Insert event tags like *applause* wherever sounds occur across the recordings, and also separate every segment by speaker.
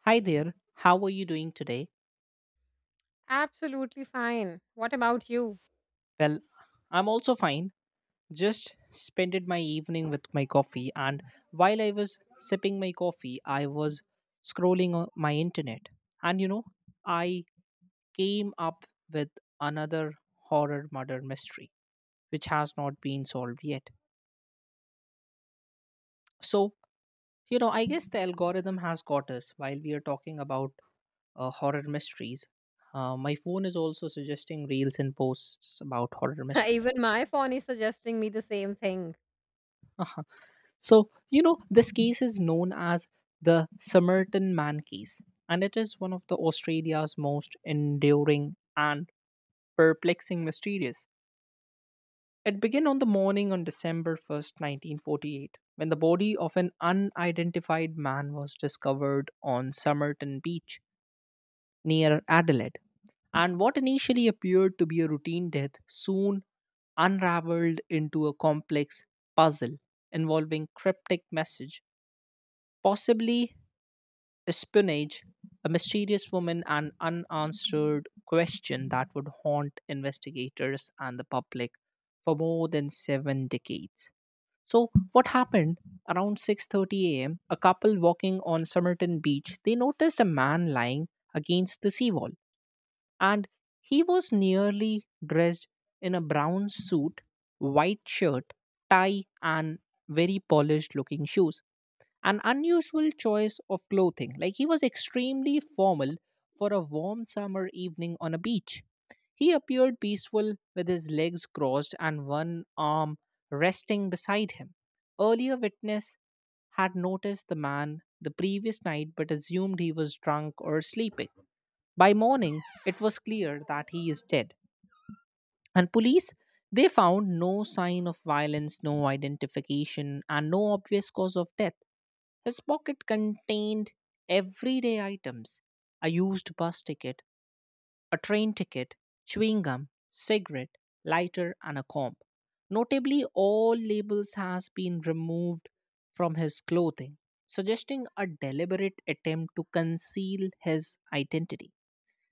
Speaker 1: Hi there, how are you doing today?
Speaker 2: Absolutely fine. What about you?
Speaker 1: Well, I'm also fine. Just spent my evening with my coffee, and while I was sipping my coffee, I was scrolling on my internet. And you know, I came up with another horror murder mystery which has not been solved yet. So, you know, I guess the algorithm has got us while we are talking about horror mysteries. My phone is also suggesting reels and posts about horror
Speaker 2: *laughs*
Speaker 1: mysteries.
Speaker 2: Even my phone is suggesting me the same thing.
Speaker 1: *laughs* So, you know, this case is known as the Somerton Man case, and it is one of the Australia's most enduring and perplexing mysteries. It began on the morning on December 1st, 1948, when the body of an unidentified man was discovered on Somerton Beach near Adelaide. And what initially appeared to be a routine death soon unraveled into a complex puzzle involving cryptic message, possibly espionage, a mysterious woman, and unanswered question that would haunt investigators and the public for more than seven decades. So, what happened around 6:30 a.m.? A m? A couple walking on Somerton Beach, they noticed a man lying against the seawall, and he was nearly dressed in a brown suit, white shirt, tie, and very polished looking shoes. An unusual choice of clothing. Like he was extremely formal for a warm summer evening on a beach. He appeared peaceful with his legs crossed and one arm resting beside him. Earlier witness had noticed the man the previous night but assumed he was drunk or sleeping. By morning, it was clear that he is dead. And police, they found no sign of violence, no identification, and no obvious cause of death. His pocket contained everyday items, a used bus ticket, a train ticket, chewing gum, cigarette, lighter, and a comb. Notably, all labels has been removed from his clothing, suggesting a deliberate attempt to conceal his identity.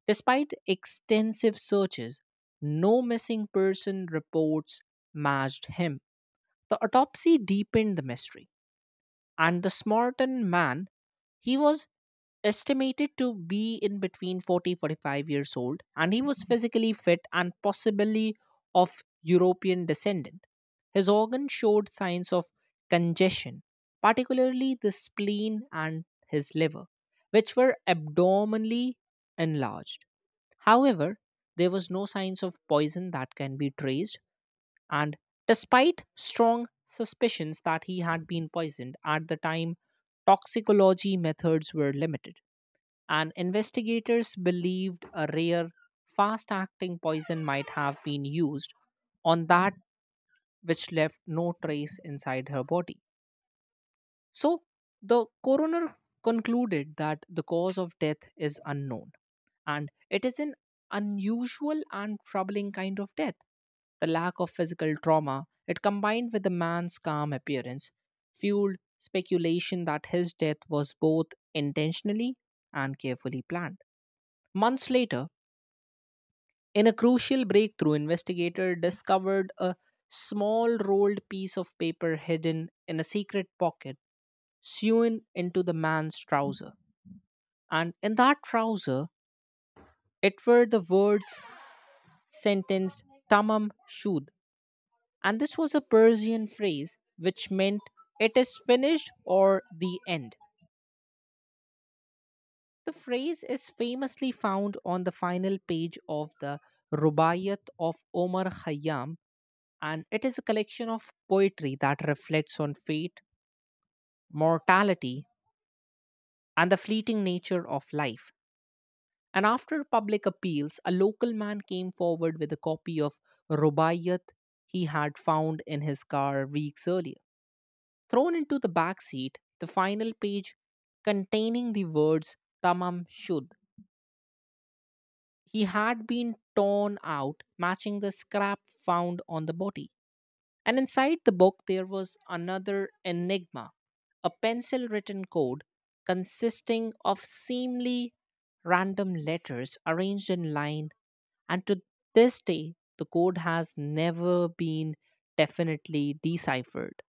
Speaker 1: Despite extensive searches, no missing person reports matched him. The autopsy deepened the mystery, and the Smartan man, he was estimated to be in between 40 45 years old, and he was physically fit and possibly of European descent. His organs showed signs of congestion, particularly the spleen and his liver, which were abdominally enlarged. However, there was no signs of poison that can be traced, and despite strong suspicions that he had been poisoned at the time, toxicology methods were limited and investigators believed a rare fast acting poison might have been used on that, which left no trace inside her body. So the coroner concluded that the cause of death is unknown and it is an unusual and troubling kind of death. The lack of physical trauma, it combined with the man's calm appearance, fueled speculation that his death was both intentionally and carefully planned. Months later, in a crucial breakthrough, investigator discovered a small rolled piece of paper hidden in a secret pocket sewn into the man's trouser. And in that trouser, it were the words sentenced tamam shud, and this was a Persian phrase which meant it is finished or the end. The phrase is famously found on the final page of the Rubaiyat of Omar Khayyam, and it is a collection of poetry that reflects on fate, mortality, and the fleeting nature of life. And after public appeals, a local man came forward with a copy of Rubaiyat he had found in his car weeks earlier, thrown into the back seat. The final page containing the words Tamam Shud, he had been torn out, matching the scrap found on the body. And inside the book, there was another enigma, a pencil written code consisting of seemingly random letters arranged in line. And to this day, the code has never been definitely deciphered.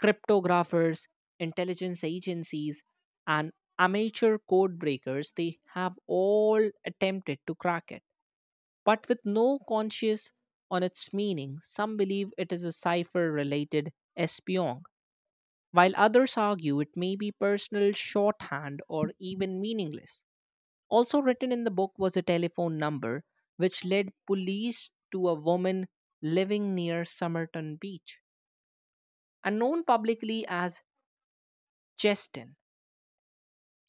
Speaker 1: Cryptographers, intelligence agencies, and amateur code breakers, they have all attempted to crack it. But with no conscious on its meaning, some believe it is a cipher related espion, while others argue it may be personal shorthand or even meaningless. Also written in the book was a telephone number which led police to a woman living near Somerton Beach, and known publicly as Cheston.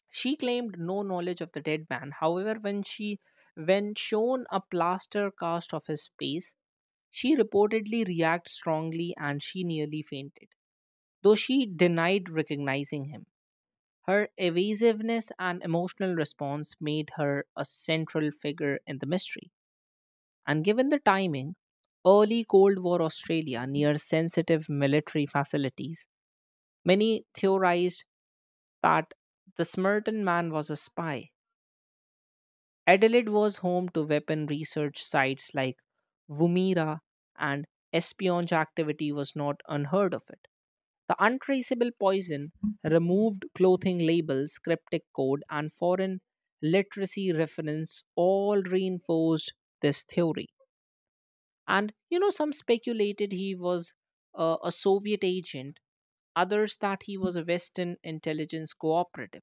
Speaker 1: She claimed no knowledge of the dead man. However, when shown a plaster cast of his face, she reportedly reacted strongly and she nearly fainted, though she denied recognizing him. Her evasiveness and emotional response made her a central figure in the mystery. And given the timing, early Cold War Australia near sensitive military facilities, many theorized that the Smirton man was a spy. Adelaide was home to weapon research sites like Woomera, and espionage activity was not unheard of it. The untraceable poison, removed clothing labels, cryptic code, and foreign literacy reference all reinforced this theory. And you know, some speculated he was a Soviet agent, others that he was a Western intelligence cooperative.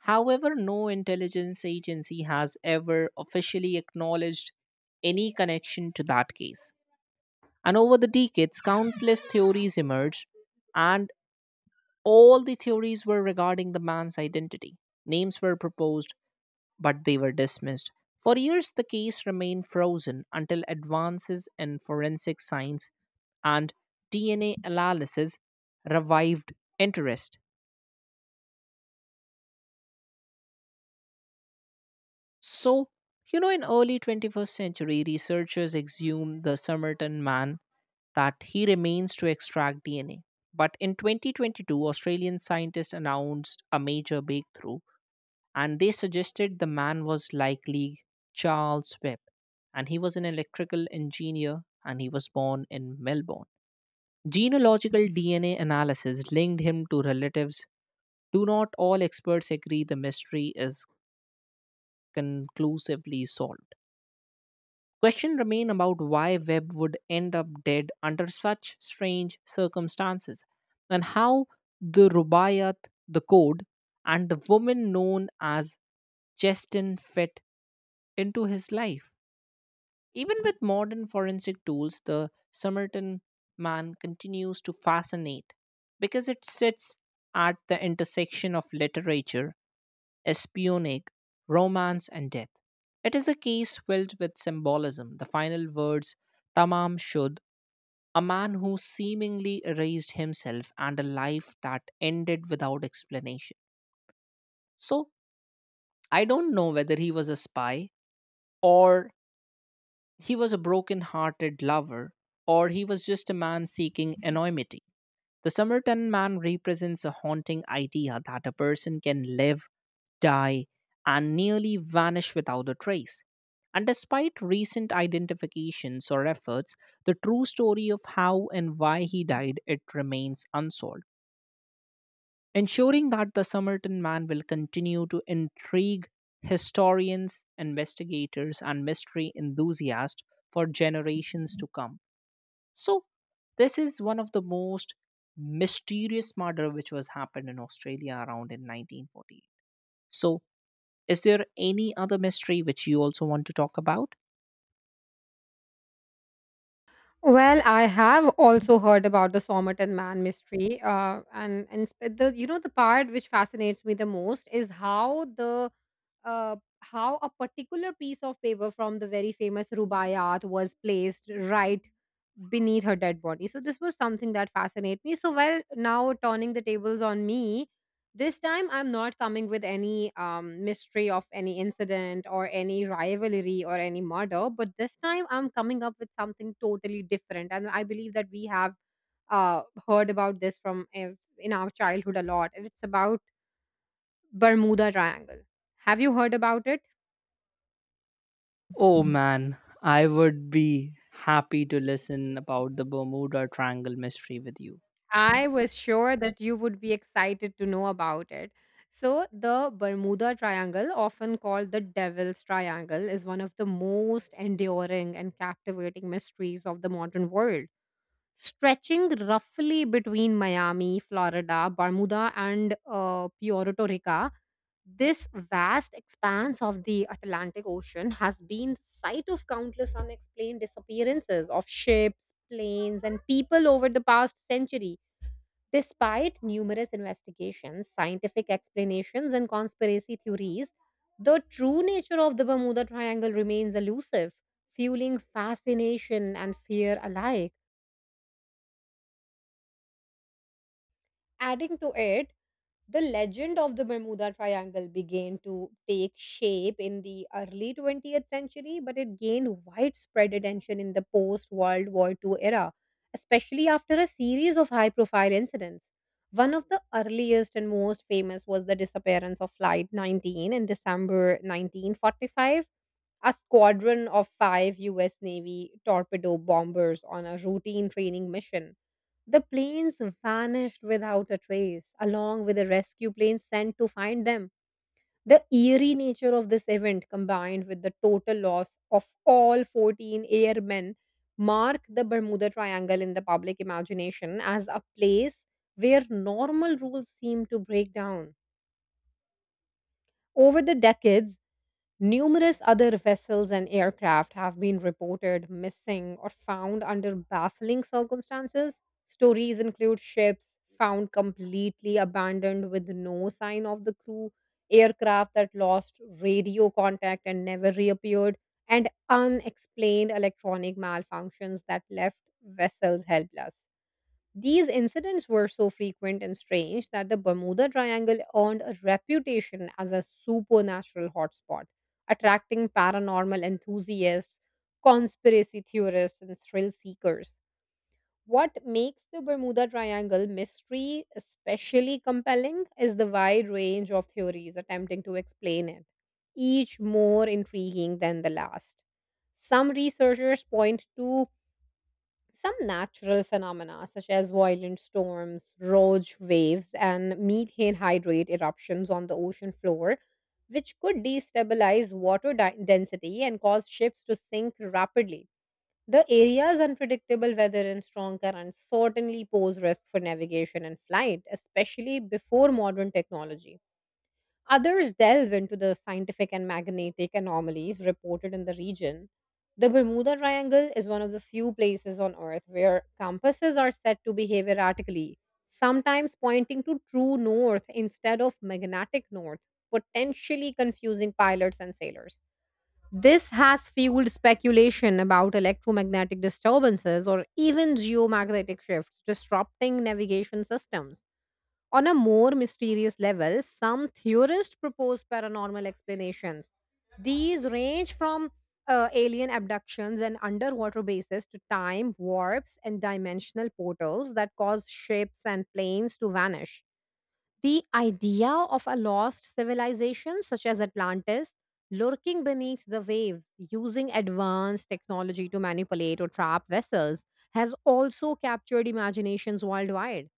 Speaker 1: However, no intelligence agency has ever officially acknowledged any connection to that case. And over the decades, countless theories emerged, and all the theories were regarding the man's identity. Names were proposed, but they were dismissed. For years, the case remained frozen until advances in forensic science and DNA analysis revived interest. So, you know, in early 21st century, researchers exhumed the Somerton man that he remains to extract DNA. But in 2022, Australian scientists announced a major breakthrough and they suggested the man was likely Charles Webb. And he was an electrical engineer and he was born in Melbourne. Genealogical DNA analysis linked him to relatives. Do not all experts agree the mystery is conclusively solved? Questions remain about why Webb would end up dead under such strange circumstances, and how the Rubaiyat, the code, and the woman known as Cheston fit into his life. Even with modern forensic tools, the Somerton man continues to fascinate because it sits at the intersection of literature, espionic, romance, and death. It is a case filled with symbolism. The final words, Tamam Shud, a man who seemingly erased himself and a life that ended without explanation. So, I don't know whether he was a spy or he was a broken hearted lover or he was just a man seeking anonymity. The Somerton man represents a haunting idea that a person can live, die, and nearly vanish without a trace. And despite recent identifications or efforts, the true story of how and why he died it remains unsolved, ensuring that the Somerton man will continue to intrigue historians, investigators, and mystery enthusiasts for generations to come. So this is one of the most mysterious murder which was happened in Australia around in 1948. So is there any other mystery which you also want to talk about?
Speaker 2: Well, I have also heard about the Somerton Man mystery, and sp- the you know the part which fascinates me the most is how the how a particular piece of paper from the very famous Rubaiyat was placed right beneath her dead body. So this was something that fascinated me. So well, now turning the tables on me, this time I'm not coming with any mystery of any incident or any rivalry or any murder, but this time I'm coming up with something totally different. And I believe that we have uh, heard about this from ev- in our childhood a lot and it's about Bermuda Triangle. Have you heard about it?
Speaker 1: Oh man, I would be happy to listen about the Bermuda Triangle mystery with you.
Speaker 2: I was sure that you would be excited to know about it. So, the Bermuda Triangle, often called the Devil's Triangle, is one of the most enduring and captivating mysteries of the modern world, stretching roughly between Miami, Florida, Bermuda, and Puerto Rico. This vast expanse of the Atlantic Ocean has been the site of countless unexplained disappearances of ships, planes, and people over the past century. Despite numerous investigations, scientific explanations, and conspiracy theories, the true nature of the Bermuda Triangle remains elusive, fueling fascination and fear alike. Adding to it, the legend of the Bermuda Triangle began to take shape in the early 20th century, but it gained widespread attention in the post World War II era, especially after a series of high profile incidents. One of the earliest and most famous was the disappearance of Flight 19 in December 1945. A squadron of five U.S. Navy torpedo bombers on a routine training mission, the planes vanished without a trace, along with the rescue planes sent to find them. The eerie nature of this event, combined with the total loss of all 14 airmen, mark the Bermuda Triangle in the public imagination as a place where normal rules seem to break down. Over the decades, numerous other vessels and aircraft have been reported missing or found under baffling circumstances. Stories include ships found completely abandoned with no sign of the crew, aircraft that lost radio contact and never reappeared, and unexplained electronic malfunctions that left vessels helpless. These incidents were so frequent and strange that the Bermuda Triangle earned a reputation as a supernatural hotspot, attracting paranormal enthusiasts, conspiracy theorists, and thrill seekers. What makes the Bermuda Triangle mystery especially compelling is the wide range of theories attempting to explain it, each more intriguing than the last. Some researchers point to some natural phenomena, such as violent storms, rogue waves, and methane hydrate eruptions on the ocean floor, which could destabilize density and cause ships to sink rapidly. The area's unpredictable weather and strong currents certainly pose risks for navigation and flight, especially before modern technology. Others delve into the scientific and magnetic anomalies reported in the region. The Bermuda Triangle is one of the few places on Earth where compasses are said to behave erratically, sometimes pointing to true north instead of magnetic north, potentially confusing pilots and sailors. This has fueled speculation about electromagnetic disturbances or even geomagnetic shifts disrupting navigation systems. On a more mysterious level, some theorists propose paranormal explanations. These range from alien abductions and underwater bases to time warps and dimensional portals that cause ships and planes to vanish. The idea of a lost civilization such as Atlantis lurking beneath the waves using advanced technology to manipulate or trap vessels has also captured imaginations worldwide.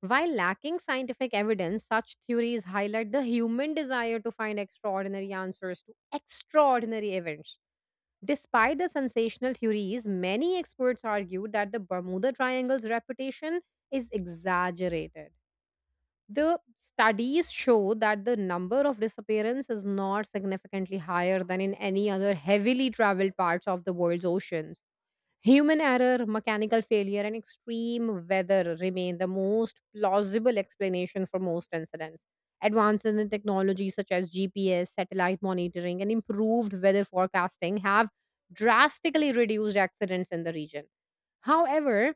Speaker 2: While lacking scientific evidence, such theories highlight the human desire to find extraordinary answers to extraordinary events. Despite the sensational theories, many experts argue that the Bermuda Triangle's reputation is exaggerated. The studies show that the number of disappearances is not significantly higher than in any other heavily traveled parts of the world's oceans. Human error, mechanical failure, and extreme weather remain the most plausible explanation for most incidents. Advances in technology such as GPS, satellite monitoring, and improved weather forecasting have drastically reduced accidents in the region. However,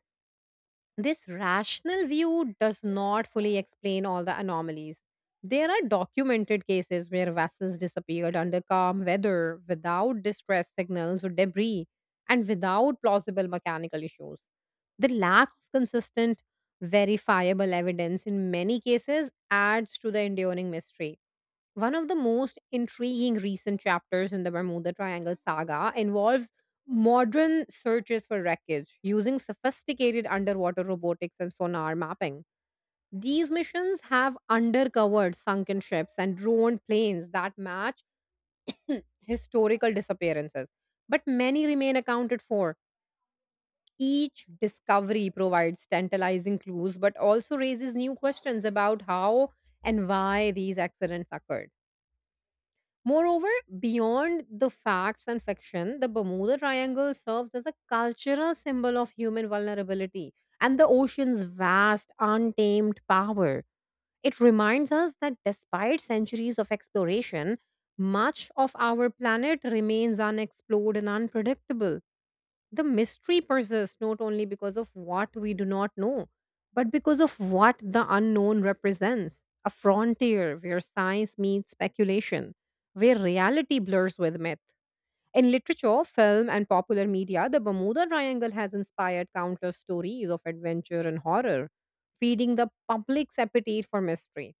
Speaker 2: this rational view does not fully explain all the anomalies. There are documented cases where vessels disappeared under calm weather without distress signals or debris and without plausible mechanical issues. The lack of consistent, verifiable evidence in many cases adds to the enduring mystery. One of the most intriguing recent chapters in the Bermuda Triangle saga involves modern searches for wreckage using sophisticated underwater robotics and sonar mapping. These missions have undercovered sunken ships and drone planes that match *clears throat* historical disappearances, but many remain accounted for. Each discovery provides tantalizing clues but also raises new questions about how and why these accidents occurred. Moreover, beyond the facts and fiction, the Bermuda Triangle serves as a cultural symbol of human vulnerability and the ocean's vast, untamed power. It reminds us that despite centuries of exploration, much of our planet remains unexplored and unpredictable. The mystery persists not only because of what we do not know, but because of what the unknown represents, a frontier where science meets speculation, where reality blurs with myth. In literature, film, and popular media, the Bermuda Triangle has inspired countless stories of adventure and horror, feeding the public's appetite for mystery.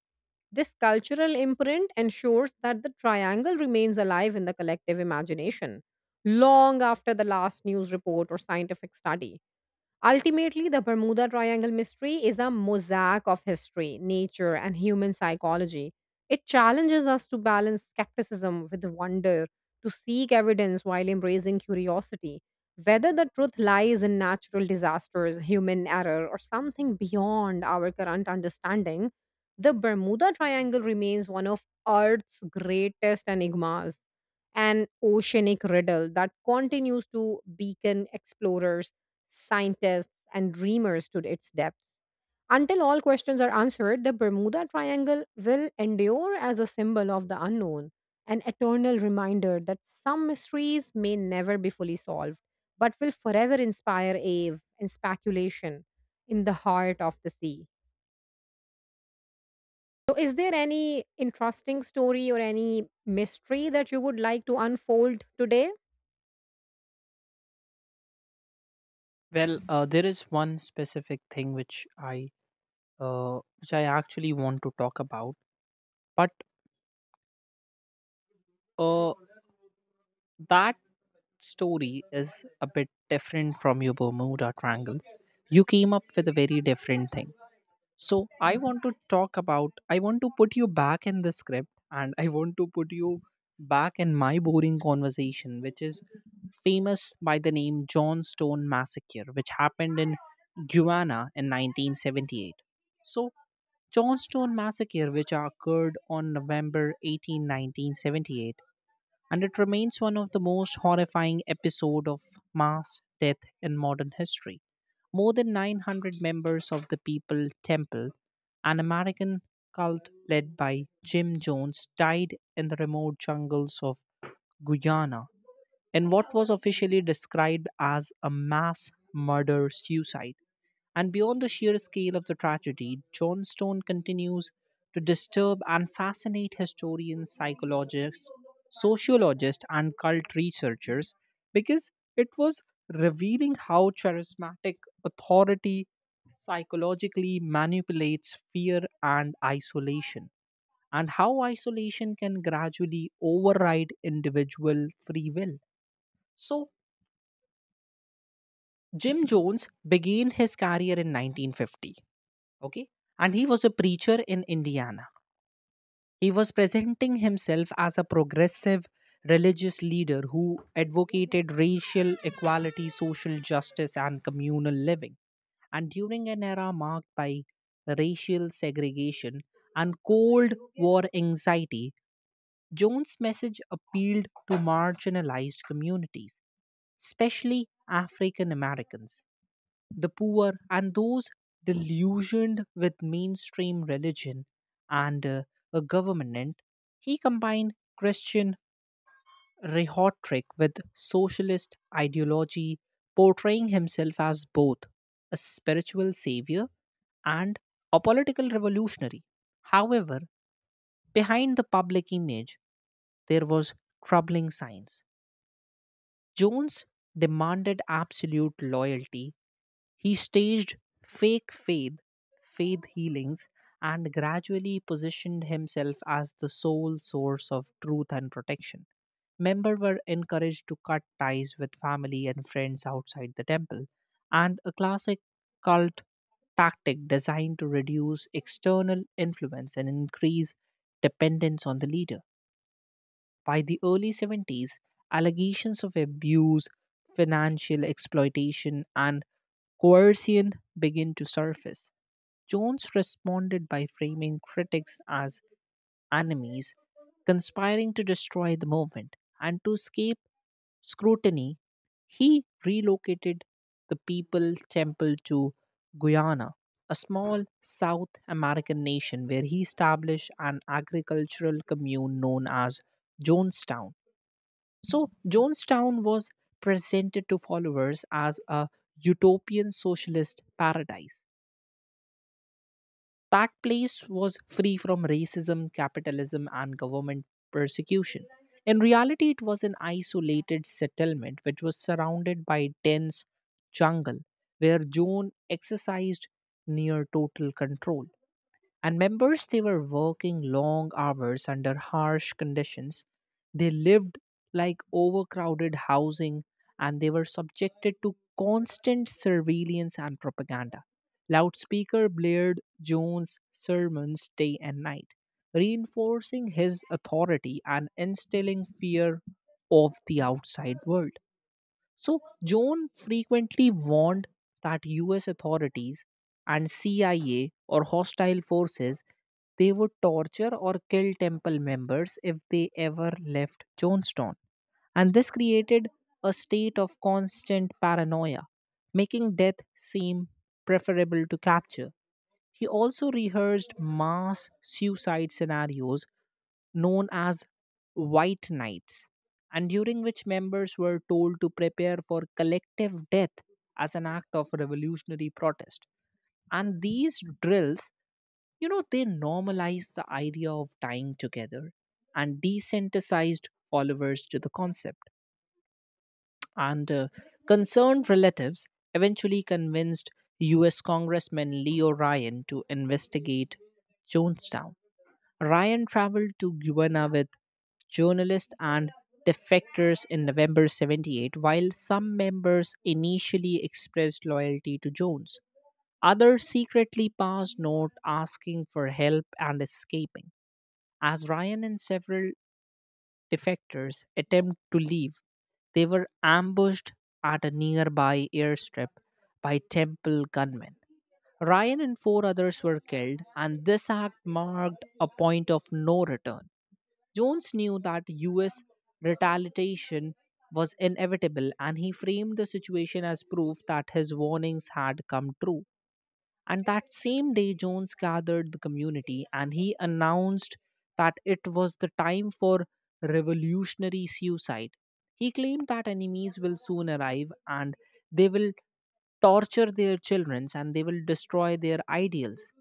Speaker 2: This cultural imprint ensures that the triangle remains alive in the collective imagination long after the last news report or scientific study. Ultimately, the Bermuda Triangle mystery is a mosaic of history, nature, and human psychology. It challenges us to balance skepticism with wonder, to seek evidence while embracing curiosity. Whether the truth lies in natural disasters, human error, or something beyond our current understanding, the Bermuda Triangle remains one of Earth's greatest enigmas, an oceanic riddle that continues to beacon explorers, scientists, and dreamers to its depths. Until all questions are answered, the Bermuda Triangle will endure as a symbol of the unknown, an eternal reminder that some mysteries may never be fully solved, but will forever inspire awe and speculation in the heart of the sea. So, is there any interesting story or any mystery that you would like to unfold today?
Speaker 1: Well, there is one specific thing which I actually want to talk about, but uh, that story is a bit different from your Bermuda Triangle. You came up with a very different thing. So I want to put you back in the script and I want to put you back in my boring conversation, which is famous by the name Johnstone Massacre, which happened in Guyana in 1978. So Johnstone Massacre, which occurred on November 18, 1978, and it remains one of the most horrifying episodes of mass death in modern history. More than 900 members of the People Temple, an American cult led by Jim Jones, died in the remote jungles of Guyana in what was officially described as a mass murder suicide. And beyond the sheer scale of the tragedy, Johnstone continues to disturb and fascinate historians, psychologists, sociologists, and cult researchers because it was revealing how charismatic authority psychologically manipulates fear and isolation, and how isolation can gradually override individual free will. So, Jim Jones began his career in 1950, okay, and he was a preacher in Indiana. He was presenting himself as a progressive religious leader who advocated racial equality, social justice, and communal living. And during an era marked by racial segregation and Cold War anxiety, Jones message appealed to marginalized communities, especially African Americans, the poor, and those delusioned with mainstream religion and a government. He combined Christian rhetoric with socialist ideology, portraying himself as both a spiritual savior and a political revolutionary. However, behind the public image, there was troubling signs. Jones demanded absolute loyalty. He staged fake faith, faith healings, and gradually positioned himself as the sole source of truth and protection. Members were encouraged to cut ties with family and friends outside the temple, and a classic cult tactic designed to reduce external influence and increase dependence on the leader. By the early 70s, allegations of abuse, financial exploitation, and coercion began to surface. Jones responded by framing critics as enemies, conspiring to destroy the movement. And to escape scrutiny, he relocated the People Temple to Guyana, a small South American nation where he established an agricultural commune known as Jonestown. So Jonestown was presented to followers as a utopian socialist paradise. That place was free from racism, capitalism, and government persecution. In reality, it was an isolated settlement which was surrounded by dense jungle where Joan exercised near total control. And members, they were working long hours under harsh conditions. They lived like overcrowded housing and they were subjected to constant surveillance and propaganda. Loudspeaker blared Jones' sermons day and night, reinforcing his authority and instilling fear of the outside world. So, Joan frequently warned that US authorities and CIA or hostile forces they would torture or kill temple members if they ever left Jonestown. And this created a state of constant paranoia, making death seem preferable to capture. He also rehearsed mass suicide scenarios known as White Nights, and during which members were told to prepare for collective death as an act of revolutionary protest. And these drills, they normalized the idea of dying together and desensitized followers to the concept. And Concerned relatives eventually convinced US Congressman Leo Ryan to investigate Jonestown. Ryan traveled to Guyana with journalists and defectors in November 78, while some members initially expressed loyalty to Jones. Others secretly passed notes asking for help and escaping. As Ryan and several defectors attempt to leave, they were ambushed at a nearby airstrip by Temple gunmen. Ryan and 4 others were killed, and this act marked a point of no return. Jones knew that US retaliation was inevitable, and he framed the situation as proof that his warnings had come true. And that same day, Jones gathered the community and he announced that it was the time for revolutionary suicide. He claimed that enemies will soon arrive and they will torture their children and they will destroy their ideals.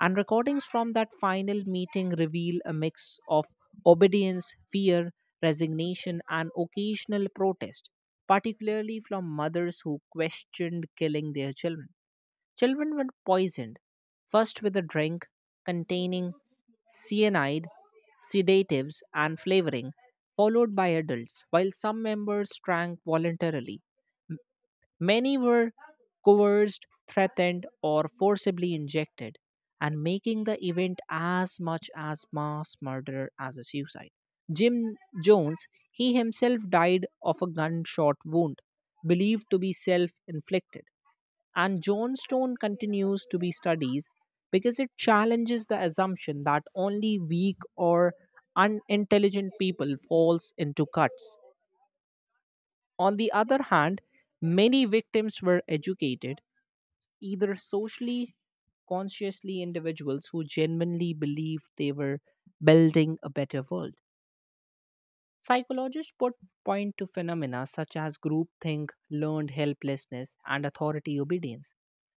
Speaker 1: And recordings from that final meeting reveal a mix of obedience, fear, resignation, and occasional protest, particularly from mothers who questioned killing their children. Children were poisoned, first with a drink containing cyanide, sedatives, and flavoring, followed by adults, while some members drank voluntarily. Many were coerced, threatened, or forcibly injected, and making the event as much as mass murder as a suicide. Jim Jones, he himself died of a gunshot wound, believed to be self inflicted. And Johnstone continues to be studied because it challenges the assumption that only weak or unintelligent people falls into cuts. On the other hand, many victims were educated either socially consciously individuals who genuinely believed they were building a better world. Psychologists put point to phenomena such as groupthink, learned helplessness, and authority obedience,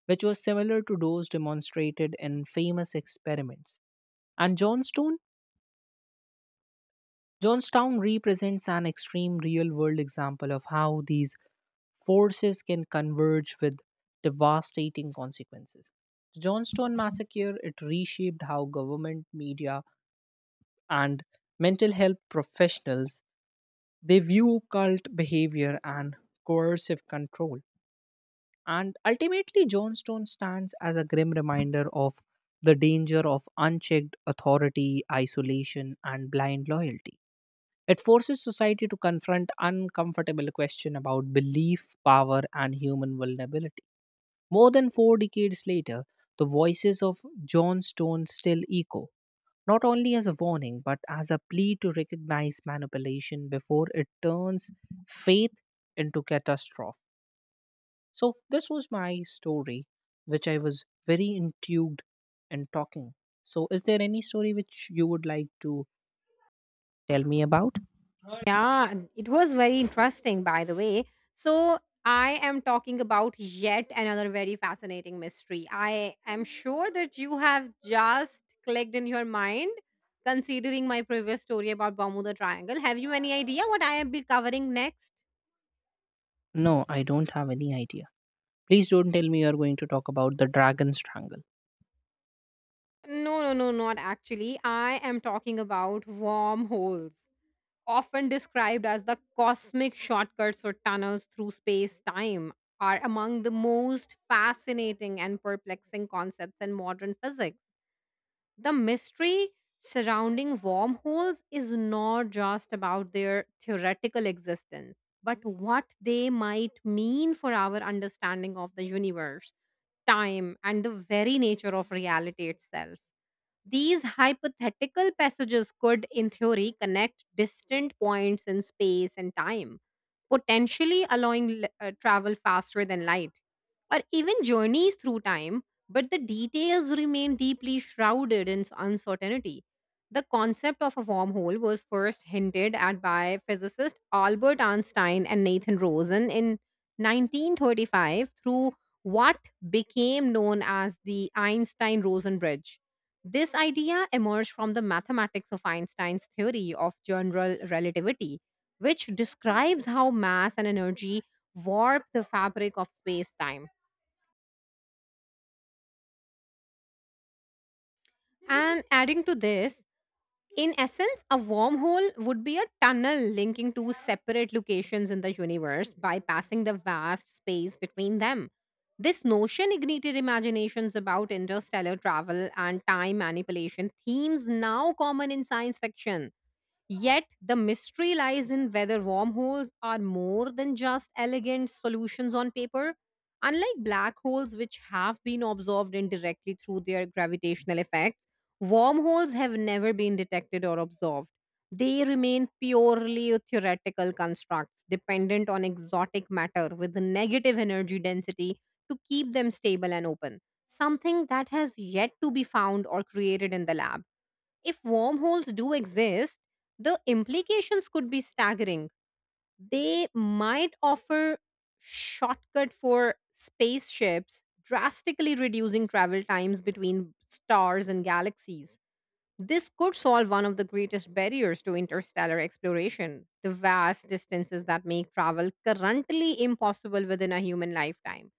Speaker 1: which was similar to those demonstrated in famous experiments. And Johnstown represents an extreme real world example of how these forces can converge with devastating consequences. The Johnstone massacre it reshaped how government, media, and mental health professionals they view cult behavior and coercive control. And ultimately, Johnstone stands as a grim reminder of the danger of unchecked authority, isolation, and blind loyalty. It forces society to confront uncomfortable questions about belief, power, and human vulnerability. More than 4 decades later, the voices of John Stone still echo, not only as a warning, but as a plea to recognize manipulation before it turns faith into catastrophe. So, this was my story, which I was very intrigued in talking. So, is there any story which you would like to tell me about?
Speaker 2: Yeah, and it was very interesting, by the way. So, I am talking about yet another very fascinating mystery. I am sure that you have just clicked in your mind considering my previous story about Bermuda Triangle. Have you any idea what I am be covering next?
Speaker 1: No, I don't have any idea. Please don't tell me you are going to talk about the dragon strangle.
Speaker 2: No, no, no, not actually. I am talking about wormholes, often described as the cosmic shortcuts or tunnels through space time, are among the most fascinating and perplexing concepts in modern physics. The mystery surrounding wormholes is not just about their theoretical existence, but what they might mean for our understanding of the universe, time, and the very nature of reality itself. These hypothetical passages could, in theory, connect distant points in space and time, potentially allowing travel faster than light, or even journeys through time, but the details remain deeply shrouded in uncertainty. The concept of a wormhole was first hinted at by physicist Albert Einstein and Nathan Rosen in 1935 through what became known as the Einstein Rosen Bridge. This idea emerged from the mathematics of Einstein's theory of general relativity, which describes how mass and energy warp the fabric of space time. And adding to this, in essence, a wormhole would be a tunnel linking two separate locations in the universe, bypassing the vast space between them. This notion ignited imaginations about interstellar travel and time manipulation, themes now common in science fiction. Yet, the mystery lies in whether wormholes are more than just elegant solutions on paper. Unlike black holes, which have been observed indirectly through their gravitational effects, wormholes have never been detected or observed. They remain purely theoretical constructs dependent on exotic matter with a negative energy density to keep them stable and open, something that has yet to be found or created in the lab. If wormholes do exist, the implications could be staggering. They might offer shortcut for spaceships, drastically reducing travel times between stars and galaxies. This could solve one of the greatest barriers to interstellar exploration, the vast distances that make travel currently impossible within a human lifetime.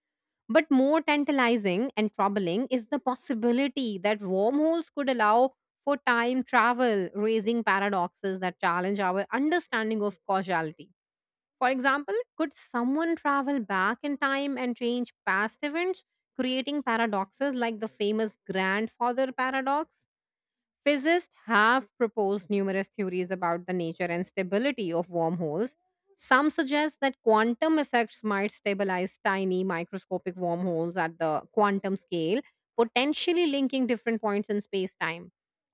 Speaker 2: But more tantalizing and troubling is the possibility that wormholes could allow for time travel, raising paradoxes that challenge our understanding of causality. For example, could someone travel back in time and change past events, creating paradoxes like the famous grandfather paradox? Physicists have proposed numerous theories about the nature and stability of wormholes. Some suggest that quantum effects might stabilize tiny microscopic wormholes at the quantum scale, potentially linking different points in space time.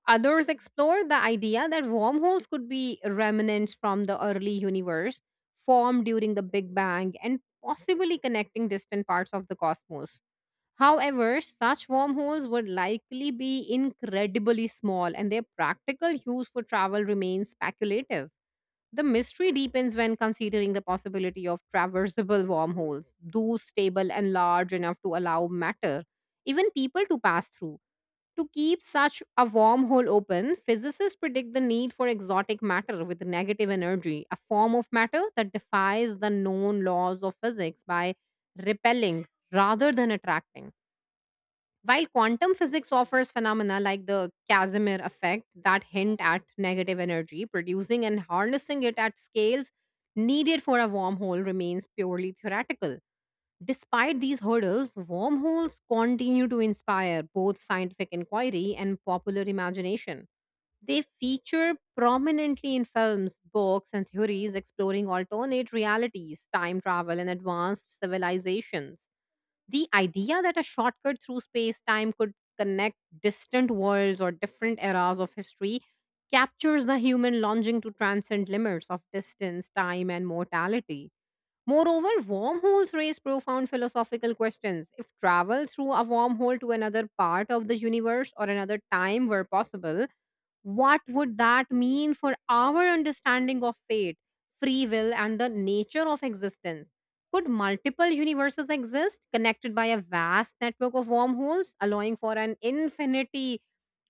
Speaker 2: Others explore the idea that wormholes could be remnants from the early universe, formed during the Big Bang, and possibly connecting distant parts of the cosmos. However, such wormholes would likely be incredibly small and their practical use for travel remains speculative. The mystery deepens when considering the possibility of traversable wormholes, those stable and large enough to allow matter, even people to pass through. To keep such a wormhole open, physicists predict the need for exotic matter with negative energy, a form of matter that defies the known laws of physics by repelling rather than attracting. While quantum physics offers phenomena like the Casimir effect that hint at negative energy, producing and harnessing it at scales needed for a wormhole remains purely theoretical. Despite these hurdles, wormholes continue to inspire both scientific inquiry and popular imagination. They feature prominently in films, books, and theories exploring alternate realities, time travel, and advanced civilizations. The idea that a shortcut through space time could connect distant worlds or different eras of history captures the human longing to transcend limits of distance, time, and mortality. Moreover, wormholes raise profound philosophical questions. If travel through a wormhole to another part of the universe or another time were possible, what would that mean for our understanding of fate, free will, and the nature of existence? Could multiple universes exist connected by a vast network of wormholes, allowing for an infinity,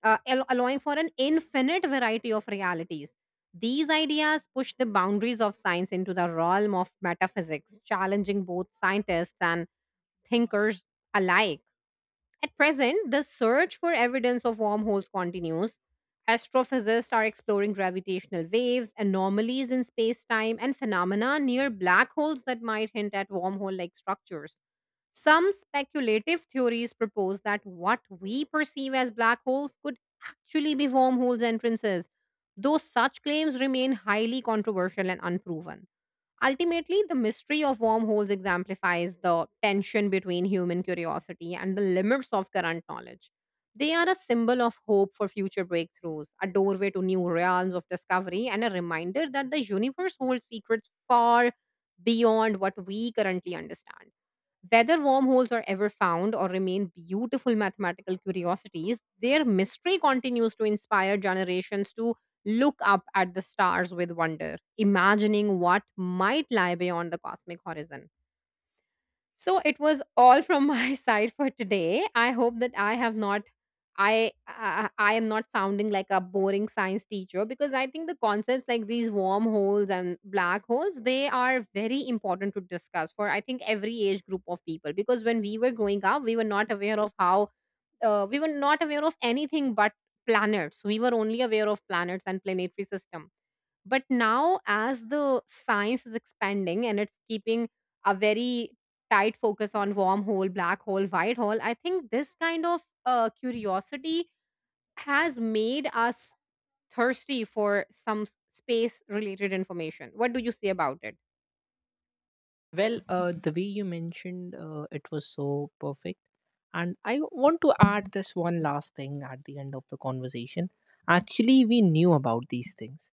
Speaker 2: uh, al- allowing for an infinite variety of realities? These ideas push the boundaries of science into the realm of metaphysics, challenging both scientists and thinkers alike. At present, the search for evidence of wormholes continues. Astrophysicists are exploring gravitational waves, anomalies in space time, and phenomena near black holes that might hint at wormhole like structures. Some speculative theories propose that what we perceive as black holes could actually be wormholes entrances, though such claims remain highly controversial and unproven. Ultimately, the mystery of wormholes exemplifies the tension between human curiosity and the limits of current knowledge. They are a symbol of hope for future breakthroughs, a doorway to new realms of discovery, and a reminder that the universe holds secrets far beyond what we currently understand. Whether wormholes are ever found or remain beautiful mathematical curiosities, their mystery continues to inspire generations to look up at the stars with wonder, imagining what might lie beyond the cosmic horizon. So it was all from my *laughs* side for today. I hope that I have not I, I am not sounding like a boring science teacher, because I think the concepts like these wormholes and black holes, they are very important to discuss for, I think, every age group of people, because when we were growing up we were not aware of how we were not aware of anything but planets. We were only aware of planets and planetary system, but now, as the science is expanding and it's keeping a very tight focus on wormhole, black hole, white hole, I think this kind of curiosity has made us thirsty for some space related information. What do you say about it?
Speaker 1: Well, the way you mentioned it was so perfect. And I want to add this one last thing at the end of the conversation. Actually, we knew about these things.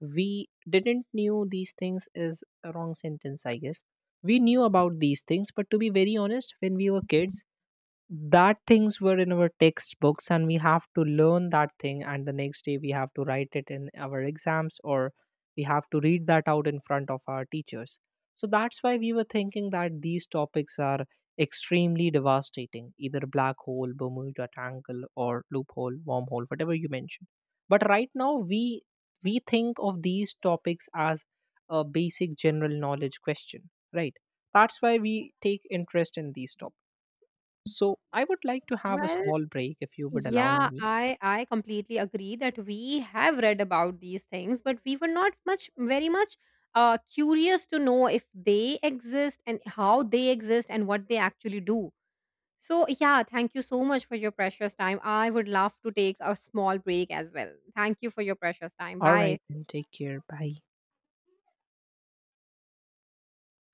Speaker 1: We didn't knew these things is a wrong sentence, I guess. We knew about these things, but to be very honest, when we were kids, that things were in our textbooks and we have to learn that thing and the next day we have to write it in our exams, or we have to read that out in front of our teachers. So that's why we were thinking that these topics are extremely devastating, either black hole, bermuda triangle, or loophole, wormhole, whatever you mentioned. But right now, we think of these topics as a basic general knowledge question, right? That's why we take interest in these topics. So I would like to have a
Speaker 2: Well,
Speaker 1: small break if you would allow
Speaker 2: yeah,
Speaker 1: me.
Speaker 2: I completely agree that we have read about these things, but we were not much very much curious to know if they exist and how they exist and what they actually do. So, yeah, thank you so much for your precious time. I would love to take a small break as well. Thank you for your precious time.
Speaker 1: All right,
Speaker 2: Bye.
Speaker 1: then take care. Bye.